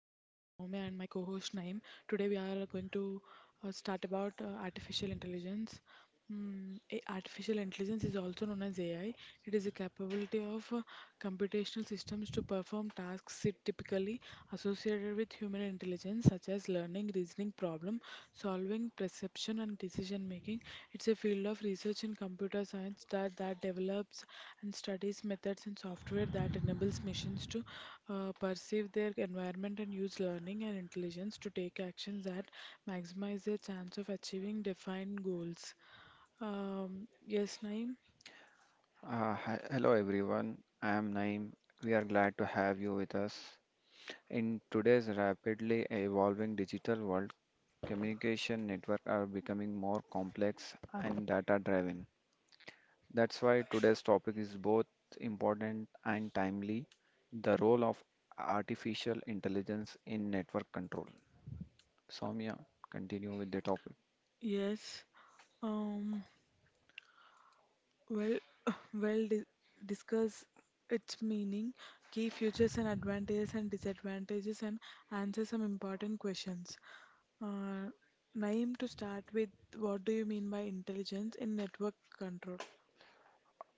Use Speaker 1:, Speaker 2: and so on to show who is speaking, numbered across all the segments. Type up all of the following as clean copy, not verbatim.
Speaker 1: Naim. Today we are going to start about artificial intelligence. Artificial intelligence is also known as AI. It is a capability of computational systems to perform tasks it typically associated with human intelligence, such as learning, reasoning, problem solving, perception, and decision making. It's a field of research in computer science that develops and studies methods and software that enables machines to perceive their environment and use learning and intelligence to take actions that maximize their chance of achieving defined goals. Yes, Naeem?
Speaker 2: Hi, hello everyone, I am Naim. We are glad to have you with us. In today's rapidly evolving digital world, communication networks are becoming more complex and data driven. That's why today's topic is both important and timely the role of artificial intelligence in network control. Soumya, continue with the topic.
Speaker 1: Yes. Um, Well, well, di discuss its meaning, key features and advantages and disadvantages, and answer some important questions. Uh, Naeem, to start with, what do you mean by intelligence in network control?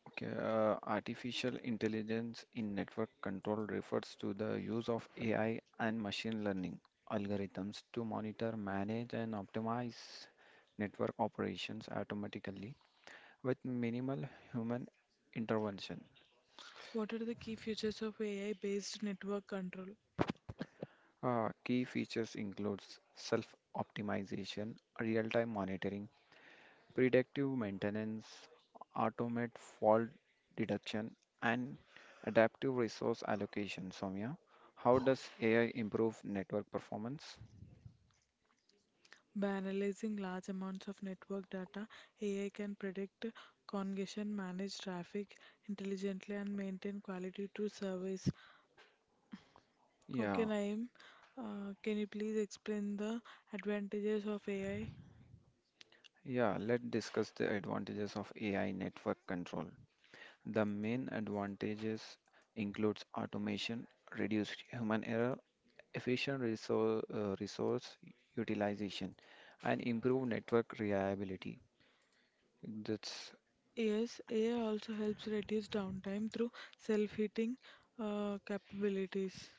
Speaker 2: Okay, artificial intelligence in network control refers to the use of AI and machine learning algorithms to monitor, manage, and optimize network operations automatically with minimal human intervention.
Speaker 1: What are the key features of AI-based network control?
Speaker 2: Key features includes self-optimization, real-time monitoring, predictive maintenance, automate fault detection, and adaptive resource allocation. Soumya, how does AI improve network performance?
Speaker 1: By analyzing large amounts of network data, AI can predict congestion, manage traffic intelligently, and maintain quality to service. Okay,
Speaker 2: Yeah,
Speaker 1: Naeem, can you please explain the advantages of AI?
Speaker 2: yeah, let's discuss the advantages of AI network control. The main advantages includes automation, reduced human error, efficient resource, resource utilization, and improved network reliability. That's
Speaker 1: Yes, AI also helps reduce downtime through self-heating capabilities.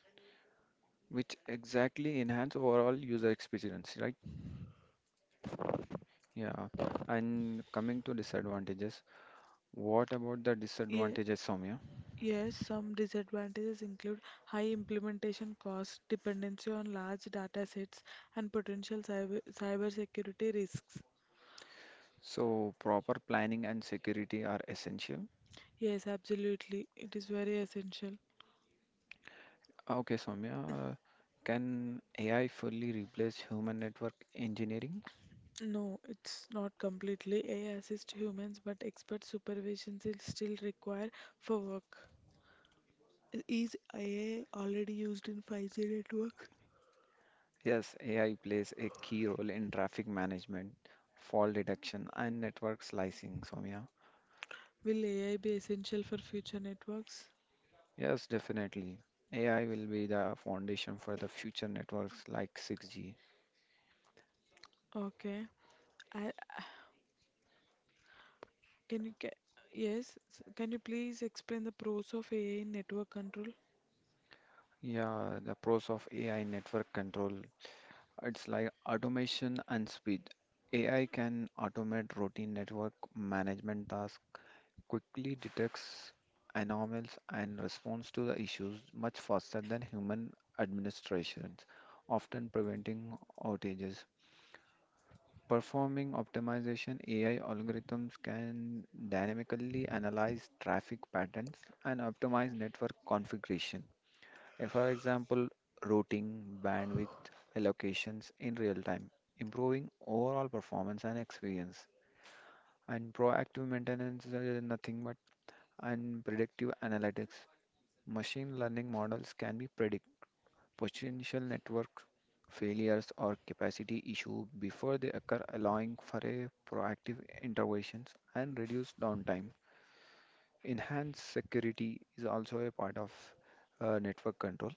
Speaker 2: which exactly enhance overall user experience, right? Yeah. And coming to disadvantages, what about the
Speaker 1: Yeah.
Speaker 2: disadvantages, Soumya?
Speaker 1: Yes, some disadvantages include high implementation costs, dependency on large data sets, and potential cybersecurity risks.
Speaker 2: So proper planning and security are essential.
Speaker 1: Yes, absolutely. It is very essential.
Speaker 2: Okay, Soumya, can AI fully replace human network engineering?
Speaker 1: No, it's not completely AI assist humans, but expert supervision is still required for work. Is AI already used in 5G network?
Speaker 2: Yes, AI plays a key role in traffic management, fault detection, and network slicing, Soumya.
Speaker 1: Will AI be essential for future networks?
Speaker 2: Yes, definitely. AI will be the foundation for the future networks like 6G.
Speaker 1: Okay. I, can you ca- Yes? Can you please explain the pros of AI in network control?
Speaker 2: Yeah, the pros of AI network control. It's like automation and speed. AI can automate routine network management tasks, quickly detects anomalies, and responds to the issues much faster than human administrations, often preventing outages. Performing optimization, AI algorithms can dynamically analyze traffic patterns and optimize network configuration for example, routing, bandwidth allocations in real time, improving overall performance and experience. And proactive maintenance is nothing but and predictive analytics. Machine learning models can be predict potential network failures or capacity issue before they occur, allowing for a proactive interventions and reduce downtime. Enhanced security is also a part of network control.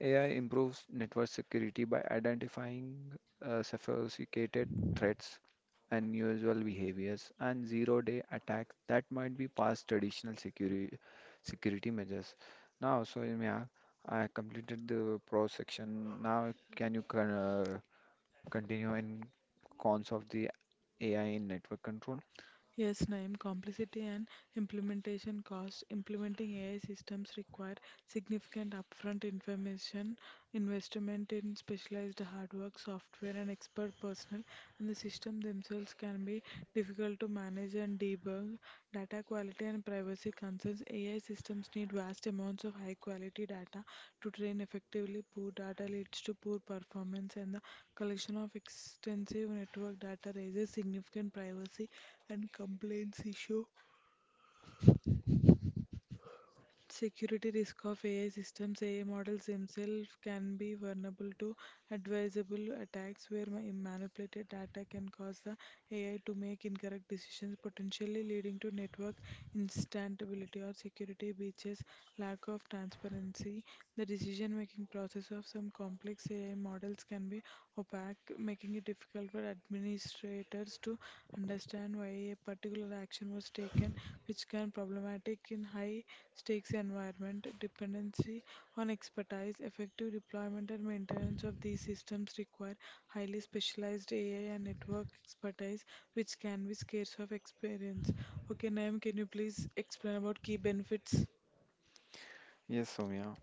Speaker 2: AI improves network security by identifying sophisticated threats, unusual behaviors, and zero-day attacks that might be past traditional security measures. Now, so Soumya, I completed the pro section. Now, can you continue in cons of the AI in network control?
Speaker 1: Yes, Naim, complexity and implementation cost. Implementing AI systems require significant upfront information, investment in specialized hardware, software, and expert personnel, and the system themselves can be difficult to manage and debug. Data quality and privacy concerns, AI systems need vast amounts of high quality data to train effectively. Poor data leads to poor performance, and the collection of extensive network data raises significant privacy and compliance issues. Security risk of AI systems. AI models themselves can be vulnerable to advisable attacks where manipulated data can cause the AI to make incorrect decisions, potentially leading to network instability or security breaches, lack of transparency. The decision making process of some complex AI models can be opaque, making it difficult for administrators to understand why a particular action was taken, which can problematic in high stakes environment. Dependency on expertise, effective deployment and maintenance of these systems require highly specialized AI and network expertise, which can be scarce of experience. Okay, Naim, can you please explain about key benefits?
Speaker 2: Yes, Soumya.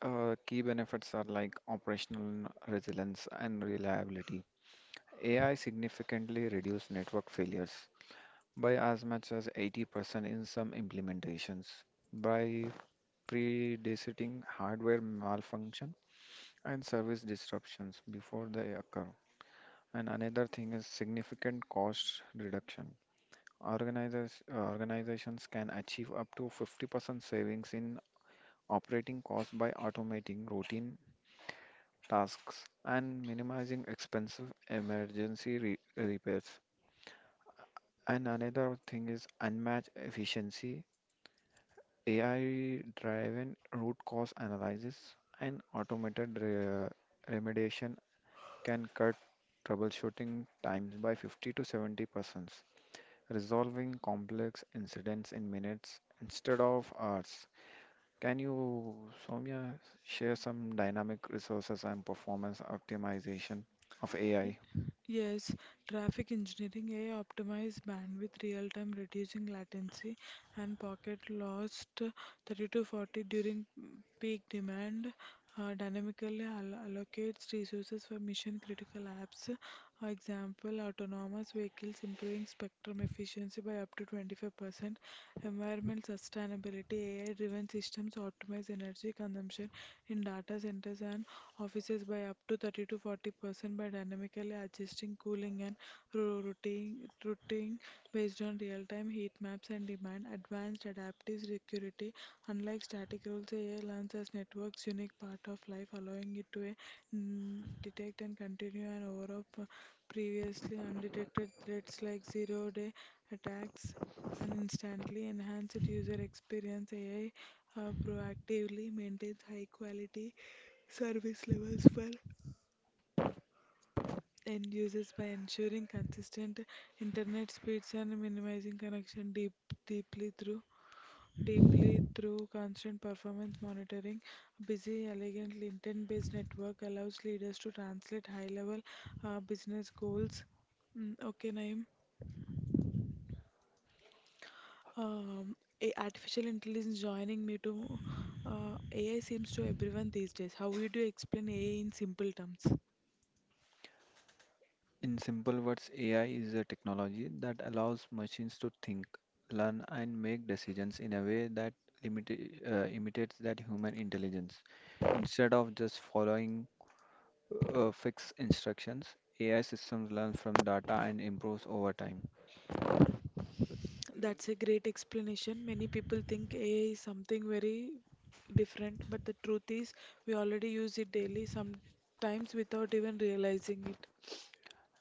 Speaker 2: Key benefits are like operational resilience and reliability, AI significantly reduced network failures by as much as 80% in some implementations by predicting hardware malfunction and service disruptions before they occur. And another thing is significant cost reduction. Organizations can achieve up to 50% savings in operating costs by automating routine tasks and minimizing expensive repairs. And another thing is unmatched efficiency, AI-driven root cause analysis, and remediation can cut troubleshooting times by 50 to 70%, resolving complex incidents in minutes instead of hours. Can you, Soumya, share some dynamic resources and performance optimization of AI?
Speaker 1: Yes, traffic engineering AI optimized bandwidth real time, reducing latency and pocket lost 30 to 40 during peak demand. Dynamically allocates resources for mission critical apps. Example: autonomous vehicles improving spectrum efficiency by up to 25%. Environment sustainability: AI driven systems optimize energy consumption in data centers and offices by up to 30 to 40% by dynamically adjusting cooling and ro- routing, routing based on real-time heat maps and demand. Advanced adaptive security, unlike static rules, AI learns as network's unique part of life, allowing it to detect and continue and overrule previously undetected threats like zero-day attacks and instantly enhance it user experience. AI proactively maintains high-quality service levels for end users by ensuring consistent internet speeds and minimizing connection deeply through deeply through constant performance monitoring. A busy, elegant, intent-based network allows leaders to translate high-level business goals. Okay, Naeem. Um, Artificial intelligence joining me to AI seems to everyone these days. How would you explain AI in simple terms?
Speaker 2: In simple words, AI is a technology that allows machines to think, learn, and make decisions in a way that imitates that human intelligence. Instead of just following fixed instructions, AI systems learn from data and improves over time.
Speaker 1: That's a great explanation. Many people think AI is something very different, but the truth is we already use it daily, sometimes without even realizing it.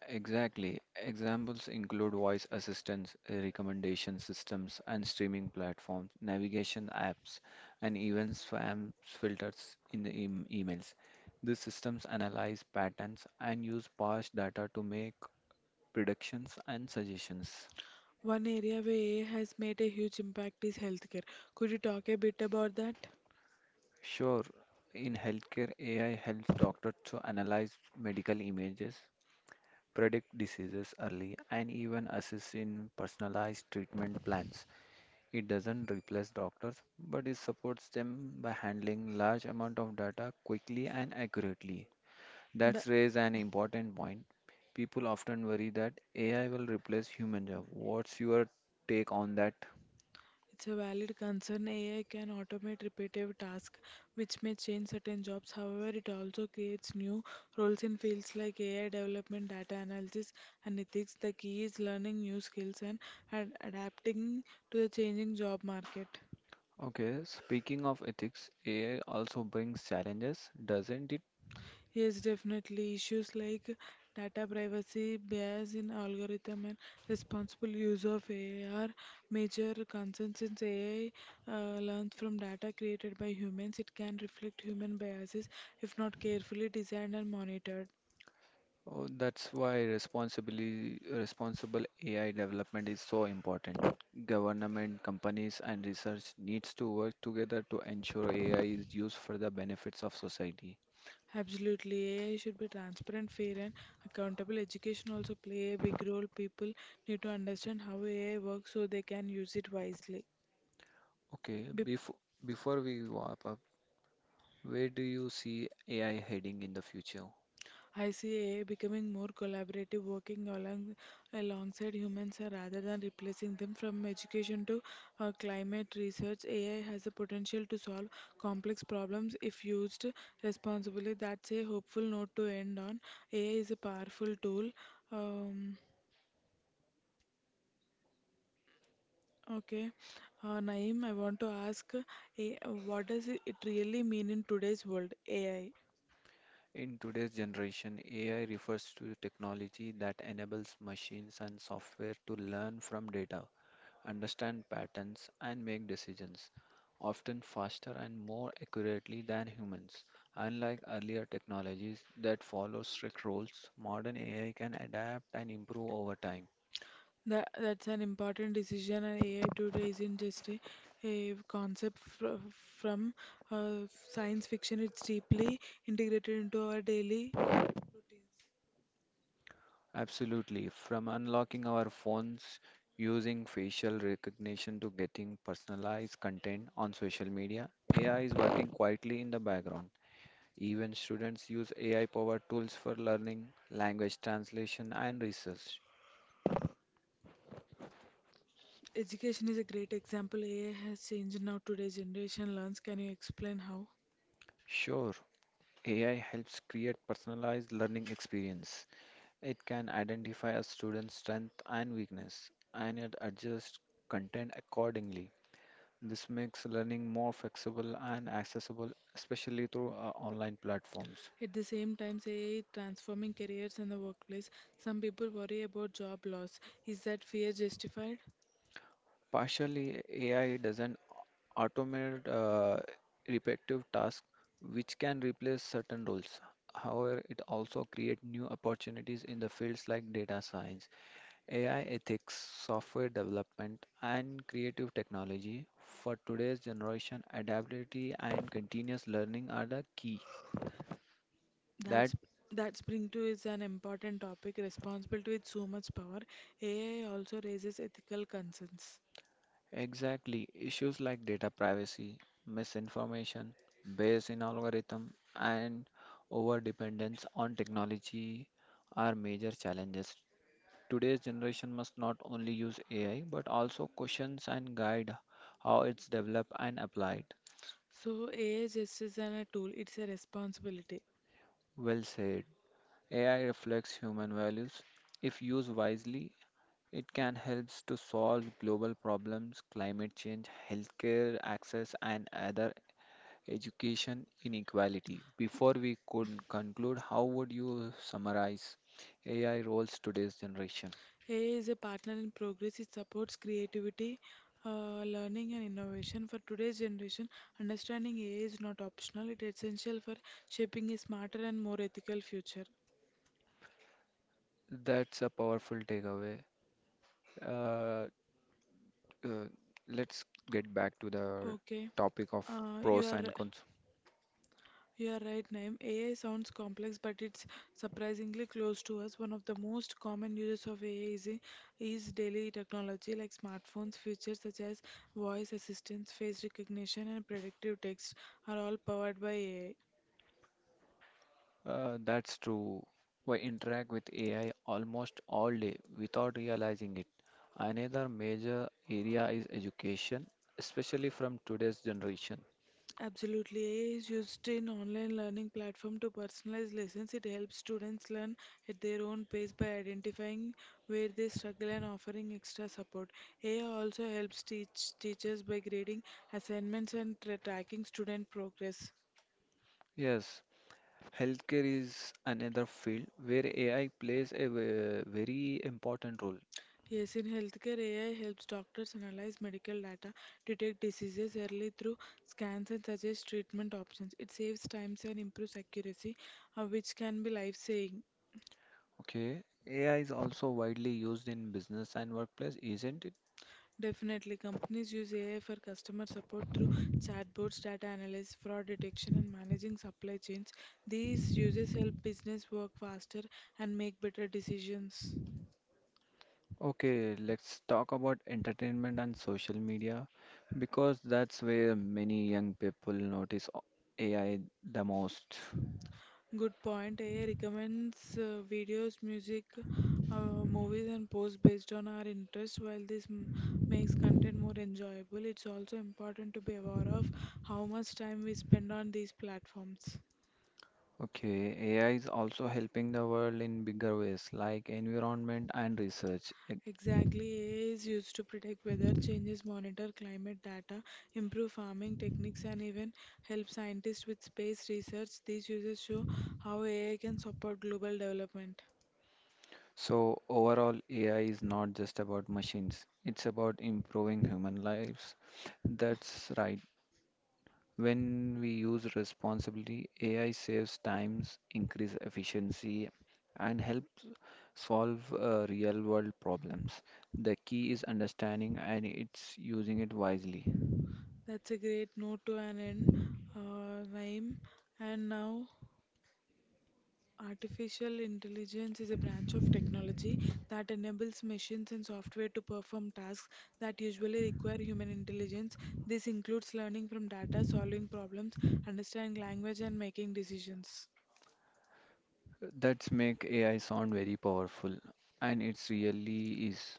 Speaker 2: Exactly. Examples include voice assistants, recommendation systems, and streaming platforms, navigation apps, and even spam filters in the emails. These systems analyze patterns and use past data to make predictions and suggestions.
Speaker 1: One area where AI has made a huge impact is healthcare. Could you talk a bit about that?
Speaker 2: Sure, in healthcare, AI helps doctors to analyze medical images, predict diseases early, and even assist in personalized treatment plans. It doesn't replace doctors, but it supports them by handling large amount of data quickly and accurately.
Speaker 1: The,
Speaker 2: That's raised an important point. People often worry that AI will replace human job. What's your take on that?
Speaker 1: It's a valid concern. AI can automate repetitive tasks, which may change certain jobs. However, it also creates new roles in fields like AI development, data analysis, and ethics. The key is learning new skills and adapting to the changing job market.
Speaker 2: Okay, speaking of ethics, AI also brings challenges, doesn't it?
Speaker 1: Yes, definitely. Issues like data privacy, bias in algorithm, and responsible use of AI are major concerns since AI learns from data created by humans. It can reflect human biases if not carefully designed and monitored.
Speaker 2: Oh, that's why responsibly responsible AI development is so important. Government, companies, and research needs to work together to ensure AI is used for the benefits of society.
Speaker 1: Absolutely, AI should be transparent, fair, and accountable. Education also play a big role. People need to understand how AI works so they can use it wisely.
Speaker 2: Okay, before we wrap up, where do you see AI heading in the future?
Speaker 1: I see AI becoming more collaborative, alongside humans rather than replacing them. From education to climate research, AI has the potential to solve complex problems if used responsibly. That's a hopeful note to end on. AI is a powerful tool. Um, okay, Naeem, I want to ask, eh, what does it really mean in today's world? AI.
Speaker 2: In today's generation, AI refers to technology that enables machines and software to learn from data understand patterns, and make decisions, often faster and more accurately than humans. Unlike earlier technologies that follow strict rules, modern AI can adapt and improve over time.
Speaker 1: That's an important decision, and AI today isn't just a concept from uh, science fiction, it's deeply integrated into our daily routines.
Speaker 2: Absolutely, from unlocking our phones using facial recognition to getting personalized content on social media, AI is working quietly in the background. Even students use AI powered tools for learning, language translation, and research.
Speaker 1: Education is a great example. AI has changed now today's generation learns. Can you explain how?
Speaker 2: Sure, AI helps create personalized learning experience. It can identify a student's strength and weakness, and it adjusts content accordingly. This makes learning more flexible and accessible, especially through online platforms.
Speaker 1: At the same time, AI is transforming careers in the workplace. Some people worry about job loss. Is that fear justified?
Speaker 2: Partially, AI doesn't automate repetitive tasks, which can replace certain roles. However, it also creates new opportunities in the fields like data science AI ethics, software development, and creative technology. For today's generation, adaptability and continuous learning are the key. That
Speaker 1: That's that spring too is an important topic, responsible to with so much power. AI also raises ethical concerns.
Speaker 2: exactly issues like data privacy, misinformation, bias in algorithm, and over dependence on technology are major challenges. Today's generation must not only use AI but also questions and guide how it's developed and applied.
Speaker 1: So AI just isn't a tool, it's a responsibility.
Speaker 2: Well said. AI reflects human values. If used wisely, it can help to solve global problems, climate change, healthcare access, and other education inequality. Before we could conclude, how would you summarize AI roles today's generation?
Speaker 1: AI is a partner in progress, it supports creativity, learning and innovation. For today's generation, understanding AI is not optional, it's essential for shaping a smarter and more ethical future.
Speaker 2: That's a powerful takeaway. Uh, uh, let's get back to the
Speaker 1: Okay.
Speaker 2: topic of
Speaker 1: Uh, you
Speaker 2: pros
Speaker 1: are
Speaker 2: and cons.
Speaker 1: You are right, Naim. AI sounds complex, but it's surprisingly close to us. One of the most common uses of AI is daily technology like smartphones. Features such as voice assistance, face recognition, and predictive text are all powered by AI.
Speaker 2: That's true. We interact with AI almost all day without realizing it. Another major area is education, especially from today's generation.
Speaker 1: Absolutely. AI is used in online learning platform to personalize lessons. It helps students learn at their own pace by identifying where they struggle and offering extra support. AI also helps teach teachers by grading assignments and tracking student progress.
Speaker 2: Yes, healthcare is another field where AI plays a very important role.
Speaker 1: Yes, in healthcare, AI helps doctors analyze medical data, detect diseases early through scans, and suggest treatment options. It saves time and improves accuracy, which can be life-saving.
Speaker 2: Okay, AI is also widely used in business and workplace, isn't it?
Speaker 1: Definitely, companies use AI for customer support through chatbots, data analysis, fraud detection, and managing supply chains. These uses help business work faster and make better decisions.
Speaker 2: Okay, let's talk about entertainment and social media because that's where many young people AI the most.
Speaker 1: Good point. AI recommends videos, music, movies, and posts based on our interests. While this makes content more enjoyable, it's also important to be aware of how much time we spend on these platforms.
Speaker 2: Okay, AI is also helping the world in bigger ways like environment and research. It-
Speaker 1: Exactly, AI is used to predict weather changes, monitor climate data, improve farming techniques, and even help scientists with space research. These uses show how AI can support global development.
Speaker 2: So, overall, AI is not just about machines, it's about improving human lives. That's right. When we use responsibly, AI saves times, increase efficiency, and helps solve real world problems. The key is understanding and it's using it wisely.
Speaker 1: That's a great note to an end, Naeem. And now, artificial intelligence is a branch of technology that enables machines and software to perform tasks that usually require human intelligence. This includes learning from data, solving problems, understanding language, and making decisions.
Speaker 2: That's make AI sound very powerful, and it's really is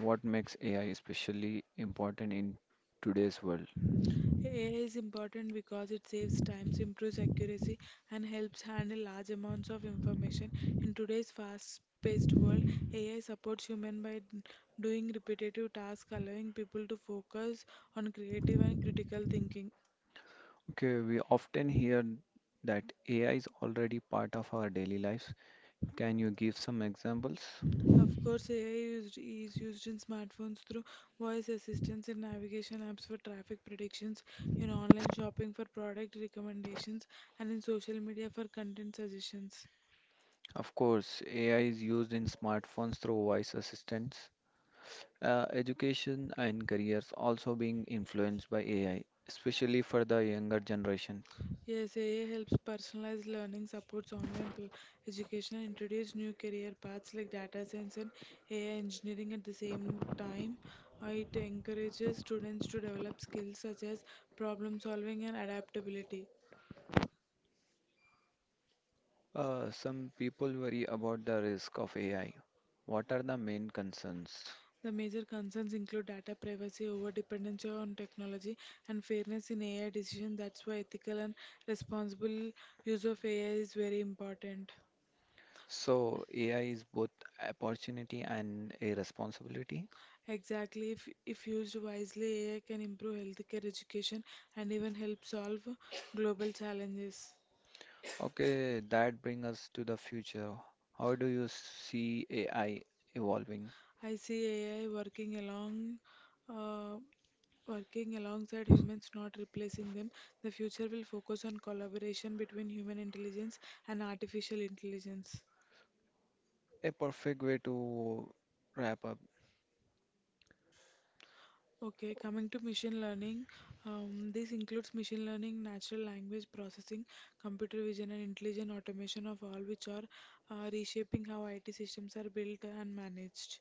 Speaker 2: what makes AI especially important in today's world.
Speaker 1: AI is important because it saves time, improves accuracy, and helps handle large amounts of information. In today's fast-paced world, AI supports humans by doing repetitive tasks, allowing people to focus on creative and critical thinking.
Speaker 2: Okay, we often hear that AI is already part of our daily lives. Can you give some examples?
Speaker 1: Of course, AI is used in smartphones through voice assistants in navigation apps for traffic predictions, in online shopping for product recommendations, and in social media for content suggestions.
Speaker 2: Of course, AI is used in smartphones through voice assistants. Education and careers also being influenced by AI, especially for the younger generation.
Speaker 1: Yes, AI helps personalize learning, supports online education, and introduce new career paths like data science and AI engineering at the same time. It encourages students to develop skills such as problem solving and adaptability.
Speaker 2: Some people worry about the risk of AI. What are the main concerns?
Speaker 1: The major concerns include data privacy, over dependence on technology, and fairness in AI decisions. That's why ethical and responsible use of AI is very important.
Speaker 2: So, AI is both opportunity and a responsibility.
Speaker 1: Exactly, if used wisely, AI can improve healthcare, education, and even help solve global challenges.
Speaker 2: Okay, that brings us to the future. How do you see AI evolving?
Speaker 1: I see AI uh, working alongside humans, not replacing them. The future will focus on collaboration between human intelligence and artificial intelligence.
Speaker 2: A perfect way to wrap up.
Speaker 1: Okay, coming to machine learning, this includes machine learning, natural language processing, computer vision, and intelligent automation of all which are reshaping how IT systems are built and managed.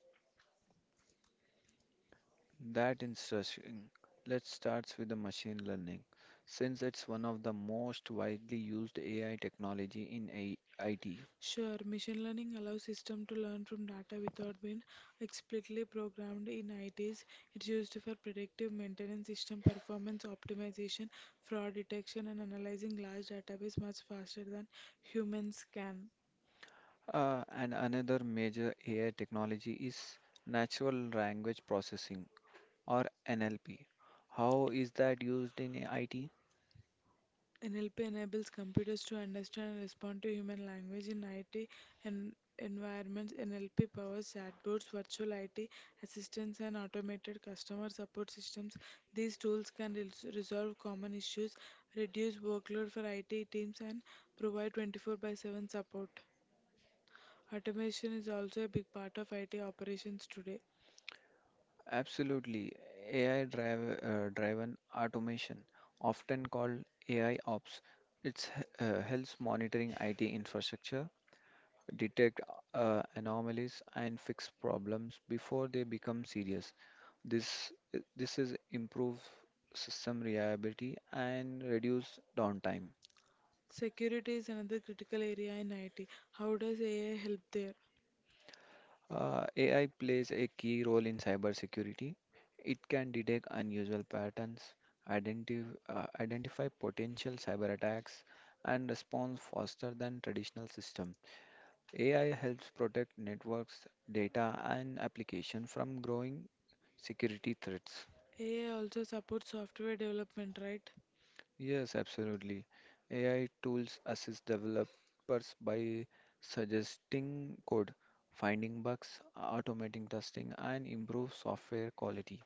Speaker 2: That interesting. Let's start with the machine learning, since it's one of the most widely used AI technology in IT.
Speaker 1: Sure, machine learning allows system to learn from data without being explicitly programmed in ITs. It's used for predictive maintenance, system performance optimization, fraud detection, and analyzing large database much faster than humans can.
Speaker 2: And another major AI technology is natural language processing or NLP. How is that used in IT?
Speaker 1: NLP enables computers to understand and respond to human language in IT environments. NLP powers chatbots, virtual IT assistants, and automated customer support systems. These tools can resolve common issues, reduce workload for IT teams, and provide 24 by 7 support. Automation is also a big part of IT operations today.
Speaker 2: Absolutely. Driven automation, often called AI ops, it helps monitoring IT infrastructure detect anomalies, and fix problems before they become serious. This this is improve system reliability and reduce downtime.
Speaker 1: Security is another critical area in IT. How does AI help there?
Speaker 2: AI plays a key role in cybersecurity. It can detect unusual patterns, identify potential cyber attacks, and respond faster than traditional systems. AI helps protect networks, data, and application from growing security threats.
Speaker 1: AI also supports software development, right?
Speaker 2: Yes, absolutely. AI tools assist developers by suggesting code, finding bugs, automating testing, and improve software quality.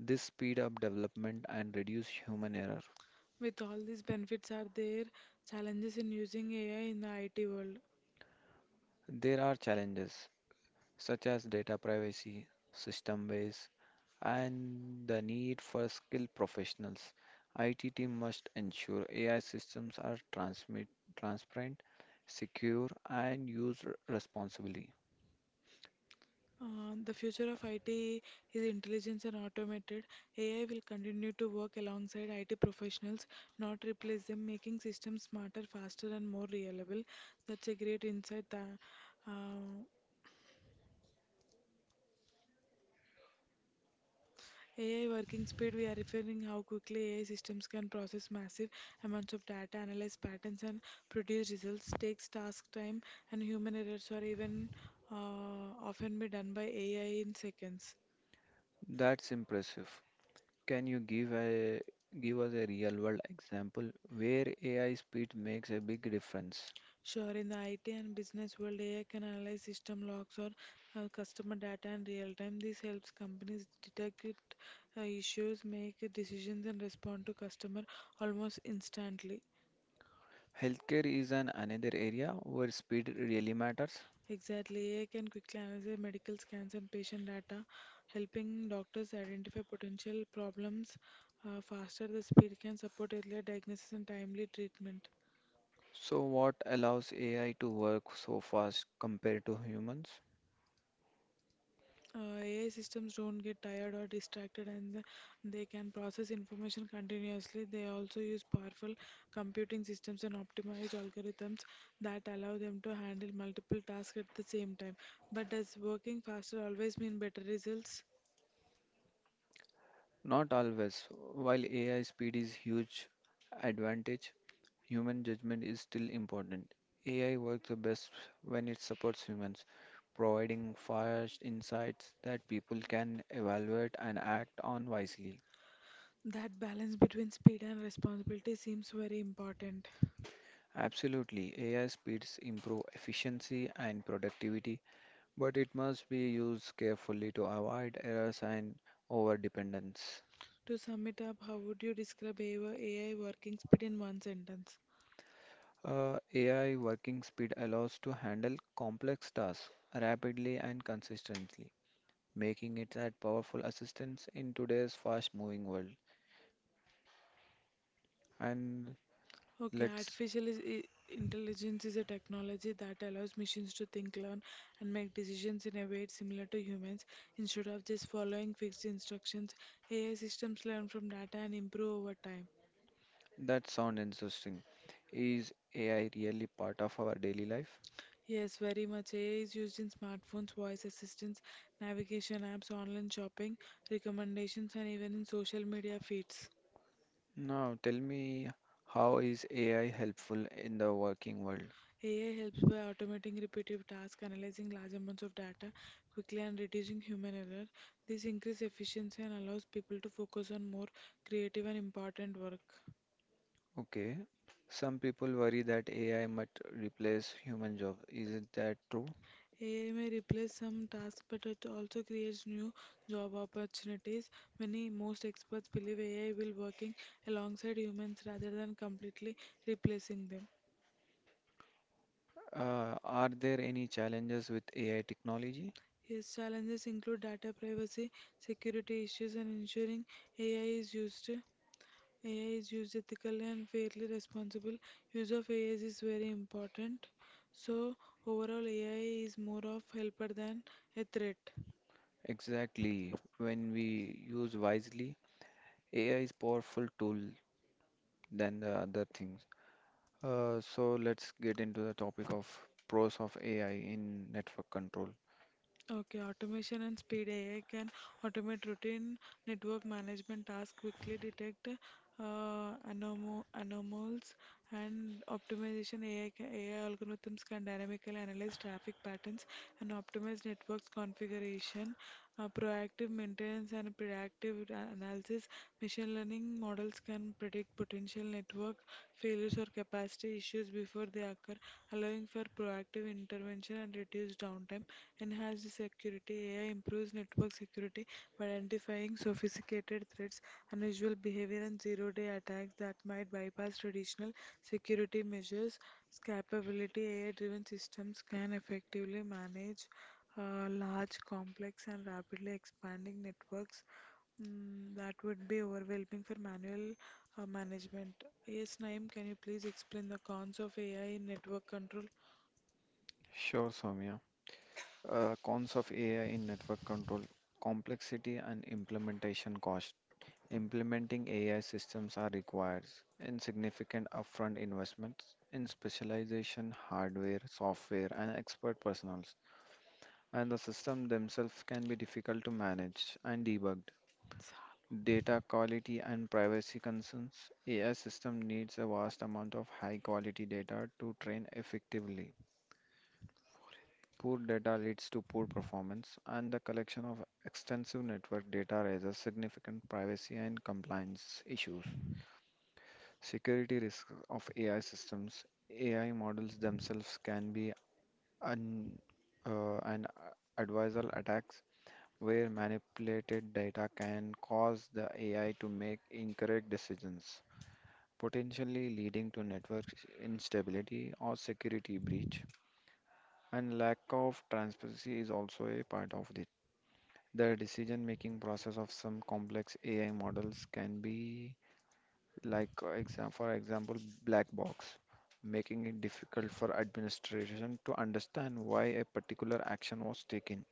Speaker 2: This speed up development and reduce human error.
Speaker 1: With all these benefits, are there challenges in using AI in the IT world?
Speaker 2: There are challenges such as data privacy, system waste, and the need for skilled professionals. IT team must ensure AI systems are transparent, secure, and used responsibly.
Speaker 1: The future of IT is intelligence and automated. AI will continue to work alongside IT professionals, not replace them, making systems smarter, faster, and more reliable. That's a great insight. Uh, AI working speed, we are referring how quickly AI systems can process massive amounts of data, analyze patterns, and produce results. Takes task time, and human errors are even uh, often be done by AI in seconds.
Speaker 2: That's impressive. Can you give us a real world example where AI speed makes a big difference?
Speaker 1: Sure, in the IT and business world, AI can analyze system logs or customer data in real time. This helps companies detect issues, make decisions, and respond to customer almost instantly.
Speaker 2: Healthcare is an another area where speed really matters.
Speaker 1: Exactly. AI can quickly analyze medical scans and patient data, helping doctors identify potential problems faster. The speed can support earlier diagnosis and timely treatment.
Speaker 2: So what allows AI to work so fast compared to humans?
Speaker 1: AI systems don't get tired or distracted and they can process information continuously. They also use powerful computing systems and optimized algorithms that allow them to handle multiple tasks at the same time. But does working faster always mean better results?
Speaker 2: Not always. While AI speed is huge advantage, Human judgment is still important. AI works the best when it supports humans, providing fast insights that people can evaluate and act on wisely.
Speaker 1: That balance between speed and responsibility seems very important.
Speaker 2: Absolutely, AI speeds improve efficiency and productivity, but it must be used carefully to avoid errors and overdependence.
Speaker 1: To sum it up, how would you describe AI working speed in one sentence?
Speaker 2: AI working speed allows to handle complex tasks rapidly and consistently. Making it a powerful assistance in today's fast-moving world. And
Speaker 1: Okay,
Speaker 2: let's
Speaker 1: artificial intelligence is a technology that allows machines to think, learn, and make decisions in a way similar to humans. Instead of just following fixed instructions, AI systems learn from data and improve over time.
Speaker 2: that sound interesting. Is AI really part of our daily life?
Speaker 1: Yes, very much. AI is used in smartphones, voice assistants, navigation apps, online shopping, recommendations, and even in social media feeds.
Speaker 2: Now, tell me, how is AI helpful in the working world?
Speaker 1: AI helps by automating repetitive tasks, analyzing large amounts of data quickly, and reducing human error. This increases efficiency and allows people to focus on more creative and important work.
Speaker 2: Okay, some people worry that AI might replace human jobs. Isn't that true?
Speaker 1: AI may replace some tasks, but it also creates new job opportunities. Many most experts believe AI will working alongside humans rather than completely replacing them.
Speaker 2: Are there any challenges with AI technology?
Speaker 1: Its challenges include data privacy, security issues, and ensuring AI is used AI is used ethically and fairly. Responsible use of AI is very important. So overall, AI is more of helper than a threat.
Speaker 2: Exactly. When we use wisely, AI is powerful tool than the other things. So let's get into the topic of pros of AI in network control.
Speaker 1: Okay, automation and speed AI can automate routine network management tasks, quickly detect anomalies, and optimization AI algorithms can dynamically analyze traffic patterns and optimize networks configuration, proactive maintenance and predictive analysis. Machine learning models can predict potential network failures or capacity issues before they occur, allowing for proactive intervention and reduced downtime. Enhanced security. AI improves network security by identifying sophisticated threats, unusual behavior, and zero-day attacks that might bypass traditional security measures. Capability AI driven systems can effectively manage large, complex, and rapidly expanding networks. Mm, that would be overwhelming for manual management. Yes, Naeem, can you please explain the cons of AI in network control?
Speaker 2: Sure, Soumya. Cons of AI in network control, complexity and implementation cost. Implementing AI systems are requires in significant upfront investments in specialization, hardware, software, and expert personals, and the system themselves can be difficult to manage and debug. Data quality and privacy concerns. AI system needs a vast amount of high quality data to train effectively. Poor data leads to poor performance, and the collection of extensive network data raises significant privacy and compliance issues. Security risks of AI systems. AI models themselves can be un, an adversarial attacks where manipulated data can cause the AI to make incorrect decisions. Potentially leading to network instability or security breach. And lack of transparency is also a part of it. The decision-making process of some complex AI models can be like, exam for example, black box, making it difficult for administration to understand why a particular action was taken,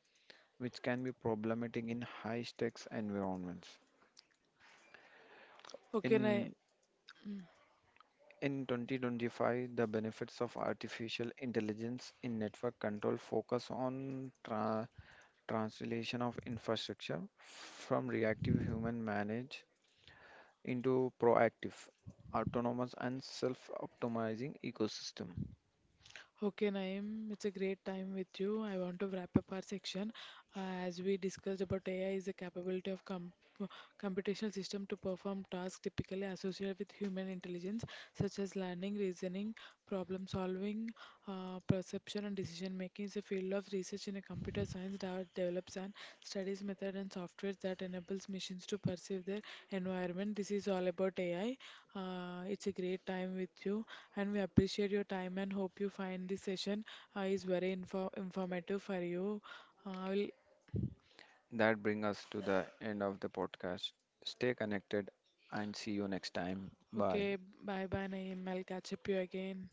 Speaker 2: which can be problematic in high-stakes environments.
Speaker 1: Okay, Naeem.
Speaker 2: In In 2025, the benefits of artificial intelligence in network control focus on translation of infrastructure from reactive human managed into proactive, autonomous, and self-optimizing ecosystem.
Speaker 1: Okay, Naeem, it's a great time with you. I want to wrap up our section. As we discussed about AI is a capability of computational system to perform tasks typically associated with human intelligence, such as learning, reasoning, problem solving, perception, and decision making. It's a field of research in a computer science that develops and studies method and software that enables machines to perceive their environment. This is all about AI. It's a great time with you and we appreciate your time and hope you find this session is very informative for you. Will
Speaker 2: That brings us to the end of the podcast. Stay connected and see you next time. Bye.
Speaker 1: Okay, bye bye Naeem. I'll catch up you again.